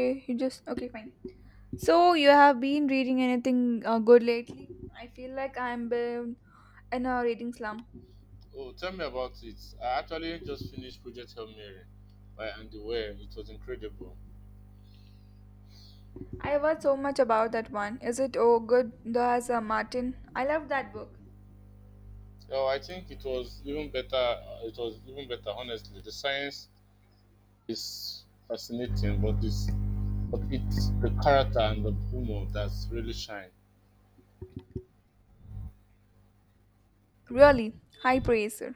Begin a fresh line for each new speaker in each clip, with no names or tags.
Okay, you just okay, fine. So you have been reading anything good lately? I feel like I'm been in a reading slump.
Oh, tell me about it. I actually just finished Project Hail Mary by Andy Weir. It was incredible.
I have heard so much about that one. Is it oh good? Does Martin? I love that book.
Oh, I think it was even better. It was even better, honestly. The science is fascinating, but it's the character and the humor that's really shine.
Really, high praise, sir.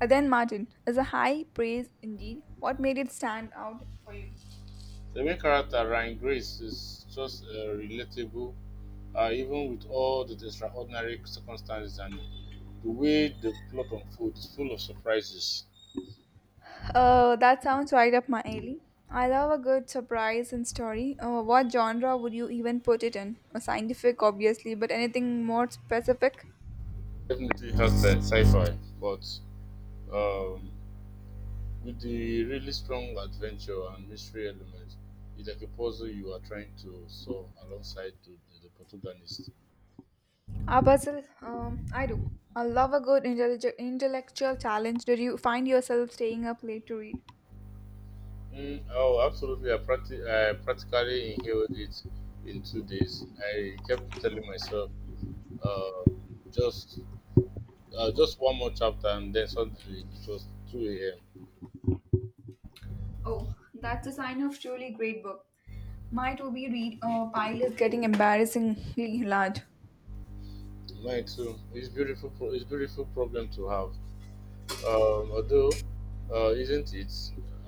Then Martin is a high praise indeed. What made it stand out for you?
The main character, Ryan Grace, is just relatable, even with all the extraordinary circumstances, and the way the plot unfolds is full of surprises.
That sounds right up my alley. I love a good surprise and story. What genre would you even put it in? Scientific, obviously, but anything more specific?
Definitely has the sci-fi, but Um, with the really strong adventure and mystery element, it's like a puzzle you are trying to solve alongside the protagonist.
Ah, Basil, I do. I love a good intellectual challenge. Did you find yourself staying up late to read?
Mm, oh, absolutely! I practically inhaled it in 2 days. I kept telling myself, uh, just just one more chapter, and then suddenly it was 2 a.m.
Oh, that's a sign of truly great book. My to-be read pile is getting embarrassingly large.
Mine too. It's beautiful. It's beautiful problem to have. Although, isn't it?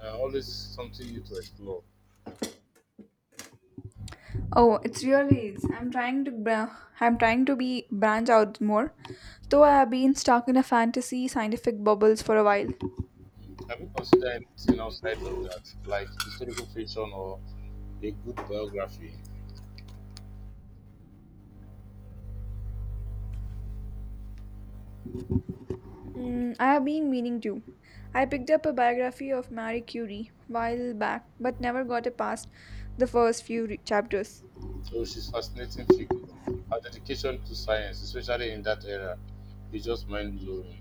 Always something new to explore.
Oh, it's really is. I'm trying to be branch out more, though I have been stuck in a fantasy scientific bubbles for a while.
Have you considered anything outside of that, like historical fiction or a good biography?
Mm, I have been meaning to. I picked up a biography of Marie Curie while back, but never got it past the first few chapters.
So she's fascinating figure. Her dedication to science, especially in that era, is just mind blowing.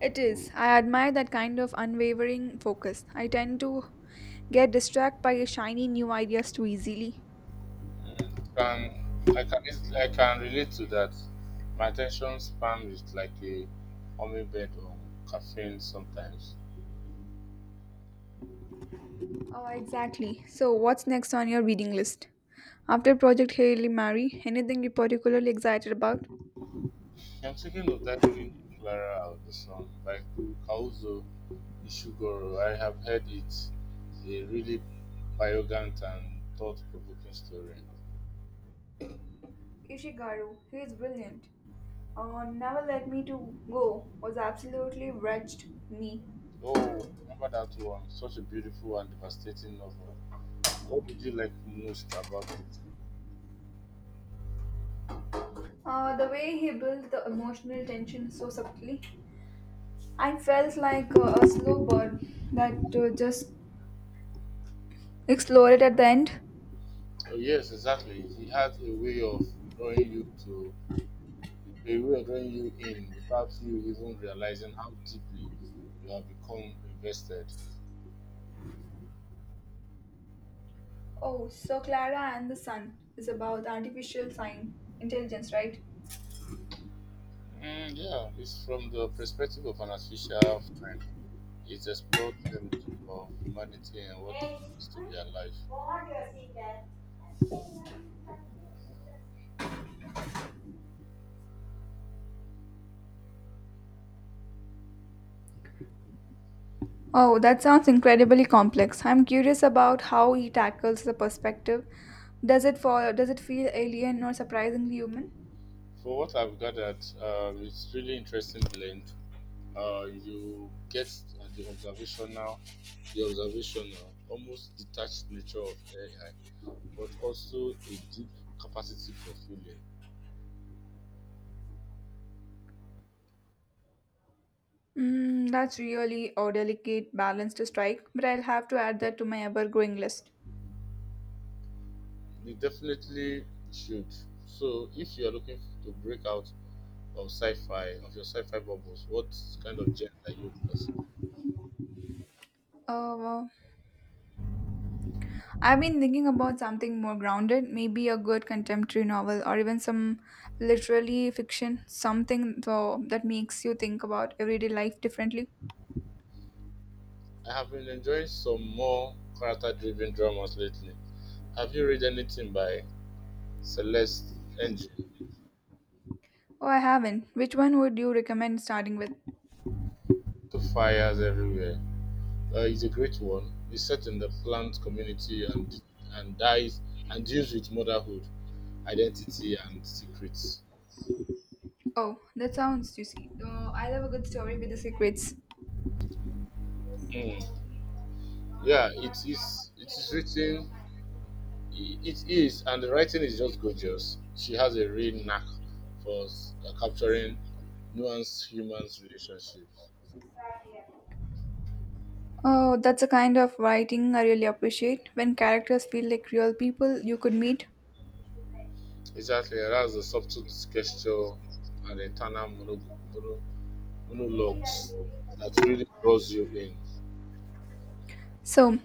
It is. I admire that kind of unwavering focus. I tend to get distracted by shiny new ideas too easily.
Mm, Can I can easily, I can relate to that. My attention span is like a hummingbird on caffeine sometimes.
Oh, exactly. So, what's next on your reading list? After Project Hail Mary, anything you're particularly excited about?
I'm thinking of diving into Clara of the Sun by Kauzo Ishiguro. I have heard it. A really arrogant and thought provoking story.
Ishigaru, he is brilliant. Never Let Me to Go was absolutely wretched me.
Oh, remember that one? Such a beautiful and devastating novel. What did you like most about it?
The way he built the emotional tension so subtly, I felt like a slow bird that just exploded at the end.
Oh, yes, exactly. He had drawing you to, a way of drawing you in without you even realizing how deeply you have become invested.
Oh, so Clara and the Sun is about artificial sign intelligence, right?
Mm, yeah, it's from the perspective of an artificial friend. It explored themes of humanity and what it means to be alive.
Oh, that sounds incredibly complex. I'm curious about how he tackles the perspective. Does it for does it feel alien or surprisingly human?
For what I've gathered, it's really interesting blend. You get uh, the observational, the observational, almost detached nature of AI, but also a deep capacity for feeling.
Mm, that's really a delicate balance to strike, but I'll have to add that to my ever-growing list.
You definitely should. So, if you are looking to break out of your sci-fi bubbles, what kind of genre are you considering?
Uh, I've been thinking about something more grounded, maybe a good contemporary novel or even some literary fiction, something though that makes you think about everyday life differently.
I have been enjoying some more character driven dramas lately. Have you read anything by Celeste Ng?
Oh, I haven't. Which one would you recommend starting with?
Two Fires Everywhere. It's a great one. It's set in the plant community and, d- and dies and deals with motherhood, identity, and secrets.
Oh, that sounds juicy. Oh, I love a good story with the secrets.
Mm. Yeah, it is. It is written. It is, and the writing is just gorgeous. She has a real knack for capturing nuanced human relationships.
Oh, that's a kind of writing I really appreciate when characters feel like real people you could meet.
Exactly, yeah, that's the subtle gesture and the internal mono- monologues that really draws you in.
So,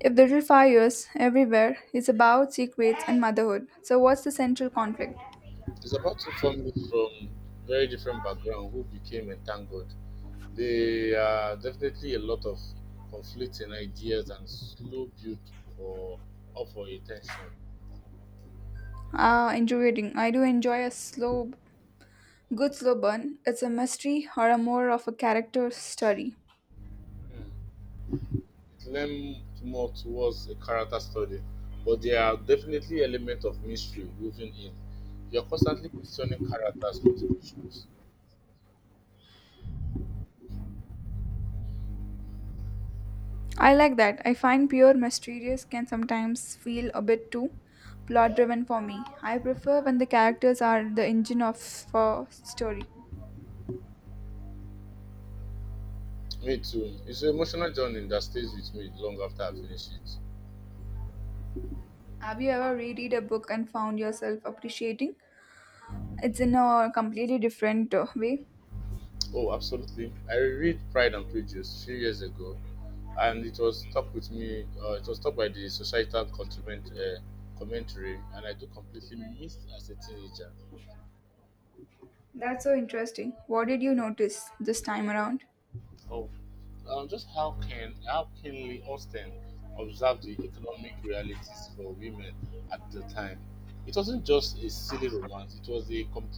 if Little Fires Everywhere is about secrets and motherhood, so what's the central conflict?
It's about two families from very different backgrounds who became entangled. There are definitely a lot of conflicting ideas and slow build for up for attention.
Ah, enjoying. I do enjoy a slow, good slow burn. It's a mystery or a more of a character study.
Hmm. It leans more towards a character study, but there are definitely elements of mystery woven in. You're constantly questioning characters' motivations.
I like that. I find pure mysterious can sometimes feel a bit too plot driven for me. I prefer when the characters are the engine of a story.
Me too. It's an emotional journey that stays with me long after I finish it.
Have you ever reread a book and found yourself appreciating? It's in a completely different way.
Oh, absolutely. I read Pride and Prejudice a few years ago, and it was stuck with me. It was stuck by the societal commentary, and I do completely missed as a teenager.
That's so interesting. What did you notice this time around?
Oh, just how keenly Austen observed the economic realities for women at the time. It wasn't just a silly romance; it was a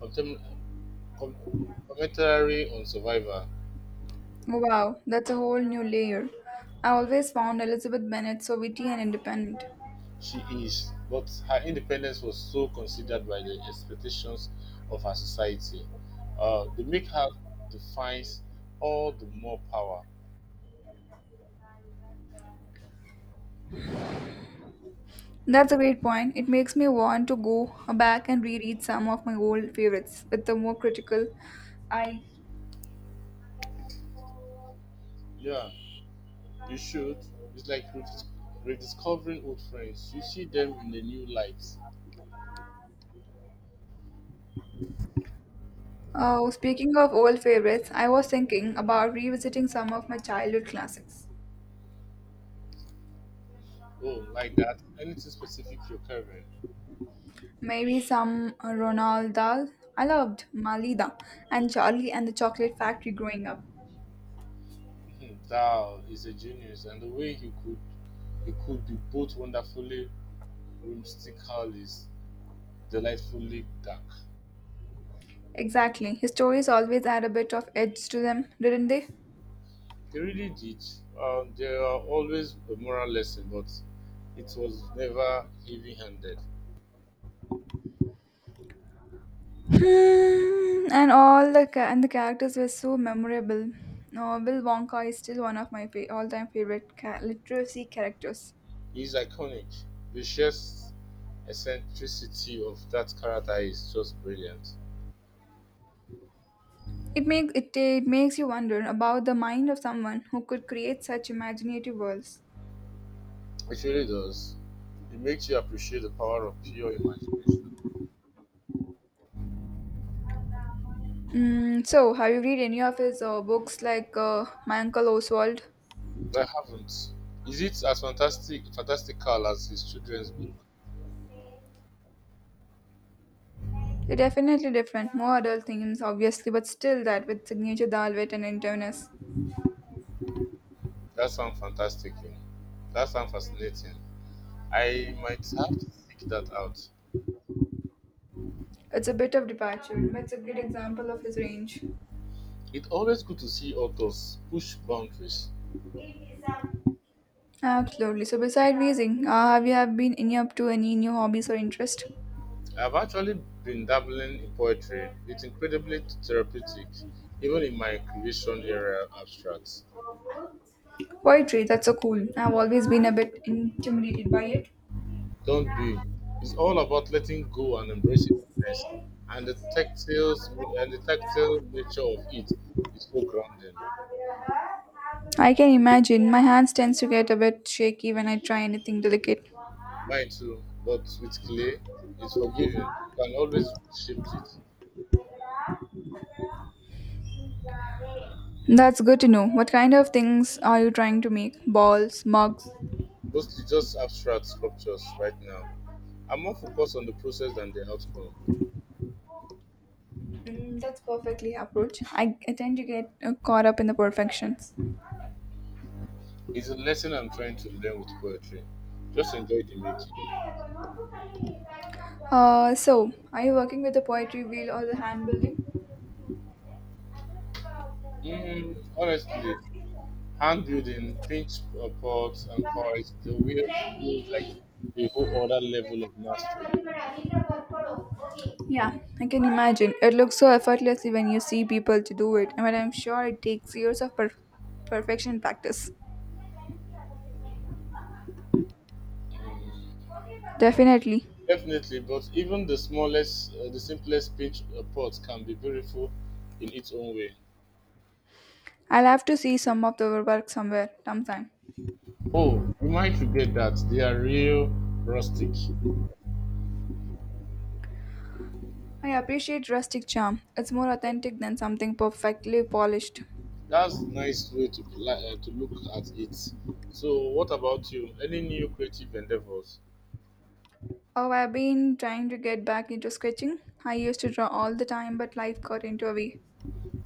contem- com- commentary on survival.
Wow, that's a whole new layer. I always found Elizabeth Bennet so witty and independent.
She is, but her independence was so considered by the expectations of her society. The make her defines all the more power.
That's a great point. It makes me want to go back and reread some of my old favorites with a more critical eye.
Yeah, you should. It's like rediscovering old friends. You see them in a new light.
Oh, speaking of old favorites, I was thinking about revisiting some of my childhood classics.
Oh, like that. Anything specific you're covering?
Maybe some Roald Dahl. I loved Malida and Charlie and the Chocolate Factory growing up.
Hmm, Dao is a genius, and the way he could be both wonderfully whimsical is delightfully dark.
Exactly. His stories always add a bit of edge to them, didn't they?
They really did. There are always a moral lesson, but it was never heavy handed.
Hmm, and the characters were so memorable. No, Bill Wonka is still one of my all-time favorite literacy characters.
He's iconic. The sheer eccentricity of that character is just brilliant.
It makes you wonder about the mind of someone who could create such imaginative worlds.
It really does. It makes you appreciate the power of pure imagination.
Mm, so, have you read any of his books like My Uncle Oswald?
I haven't. Is it as fantastical as his children's book?
It Definitely different, more adult themes, obviously, but still that with signature dal wit and interness.
That sounds fantastic, you know. That sounds fascinating. I might have to seek that out.
It's a bit of departure, but it's a great example of his range.
It's always good to see authors push boundaries.
Absolutely. So, beside raising, have you have been any up to any new hobbies or interest?
I've actually been dabbling in poetry. It's incredibly therapeutic, even in my creation area abstracts.
Poetry. That's so cool. I've always been a bit intimidated by it.
Don't be. It's all about letting go and embracing mess. And the tactile and the tactile nature of it is so grounding.
I can imagine. My hands tends to get a bit shaky when I try anything delicate.
Mine too, but with clay, it's forgiving. You can always shift it.
That's good to know. What kind of things are you trying to make? Balls, mugs?
Mostly just abstract sculptures right now. I'm more focused on the process than the outcome.
Mm, that's perfectly approach. I tend to get caught up in the perfections.
It's a lesson I'm trying to learn with poetry. Just enjoy the making.
So, are you working with the poetry wheel or the hand building?
Mm, honestly, hand building, pinch pots and cards, the wheel feels like a whole other level of mastery.
Yeah, I can imagine. It looks so effortlessly when you see people to do it, but I'm sure it takes years of perfection practice. Definitely.
Definitely, but even the simplest pinch pot can be beautiful in its own way.
I'll have to see some of the work somewhere, sometime.
Oh, you might forget that they are real rustic.
I appreciate rustic charm. It's more authentic than something perfectly polished.
That's nice way to to look at it. So, what about you? Any new creative endeavors?
Oh, I've been trying to get back into sketching. I used to draw all the time, but life got into a way.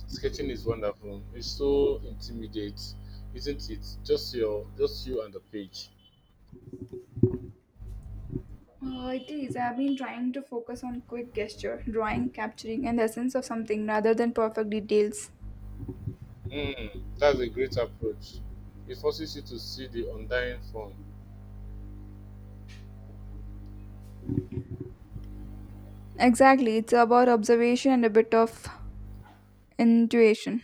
Sketching is wonderful. It's so intimidate, isn't it? Just you and the page.
Oh, it is. I've been trying to focus on quick gesture, drawing, capturing, and the essence of something rather than perfect details.
Mm, that's a great approach. It forces you to see the undying form.
Exactly. It's about observation and a bit of intuition.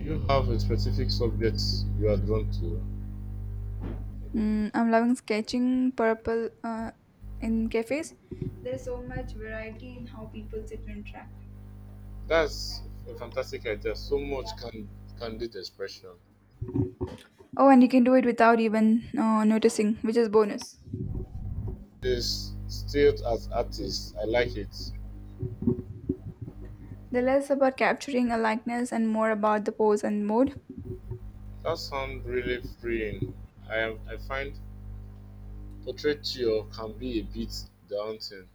You have a specific subject you are drawn to.
Mm, I'm loving sketching purple in cafes. There's so much variety in how people sit and interact.
That's a fantastic idea. So much can candid expression.
Oh, and you can do it without even noticing, which is bonus.
This still as artists, I like it.
The less about capturing a likeness and more about the pose and mood
That sounds really freeing. I find portraiture can be a bit daunting.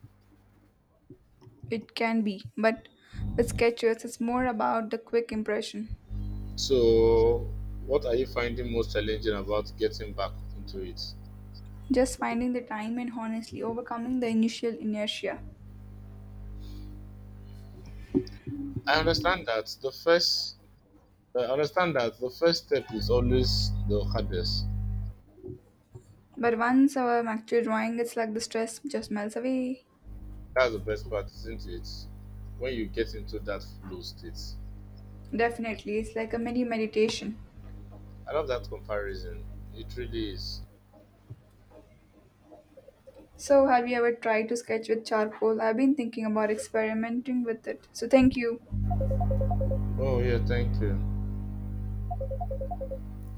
it can be. But with sketches, it's more about the quick impression,
So, what are you finding most challenging about getting back into it?
just finding the time and honestly overcoming the initial inertia.
I understand that the first, I understand that the first step is always the hardest.
But once I'm actually drawing, it's like the stress just melts away.
That's the best part, isn't it? When you get into that flow state.
Definitely, it's like a mini meditation.
I love that comparison. It really is.
So, have you ever tried to sketch with charcoal? I've been thinking about experimenting with it. So, thank you.
Oh yeah, thank you.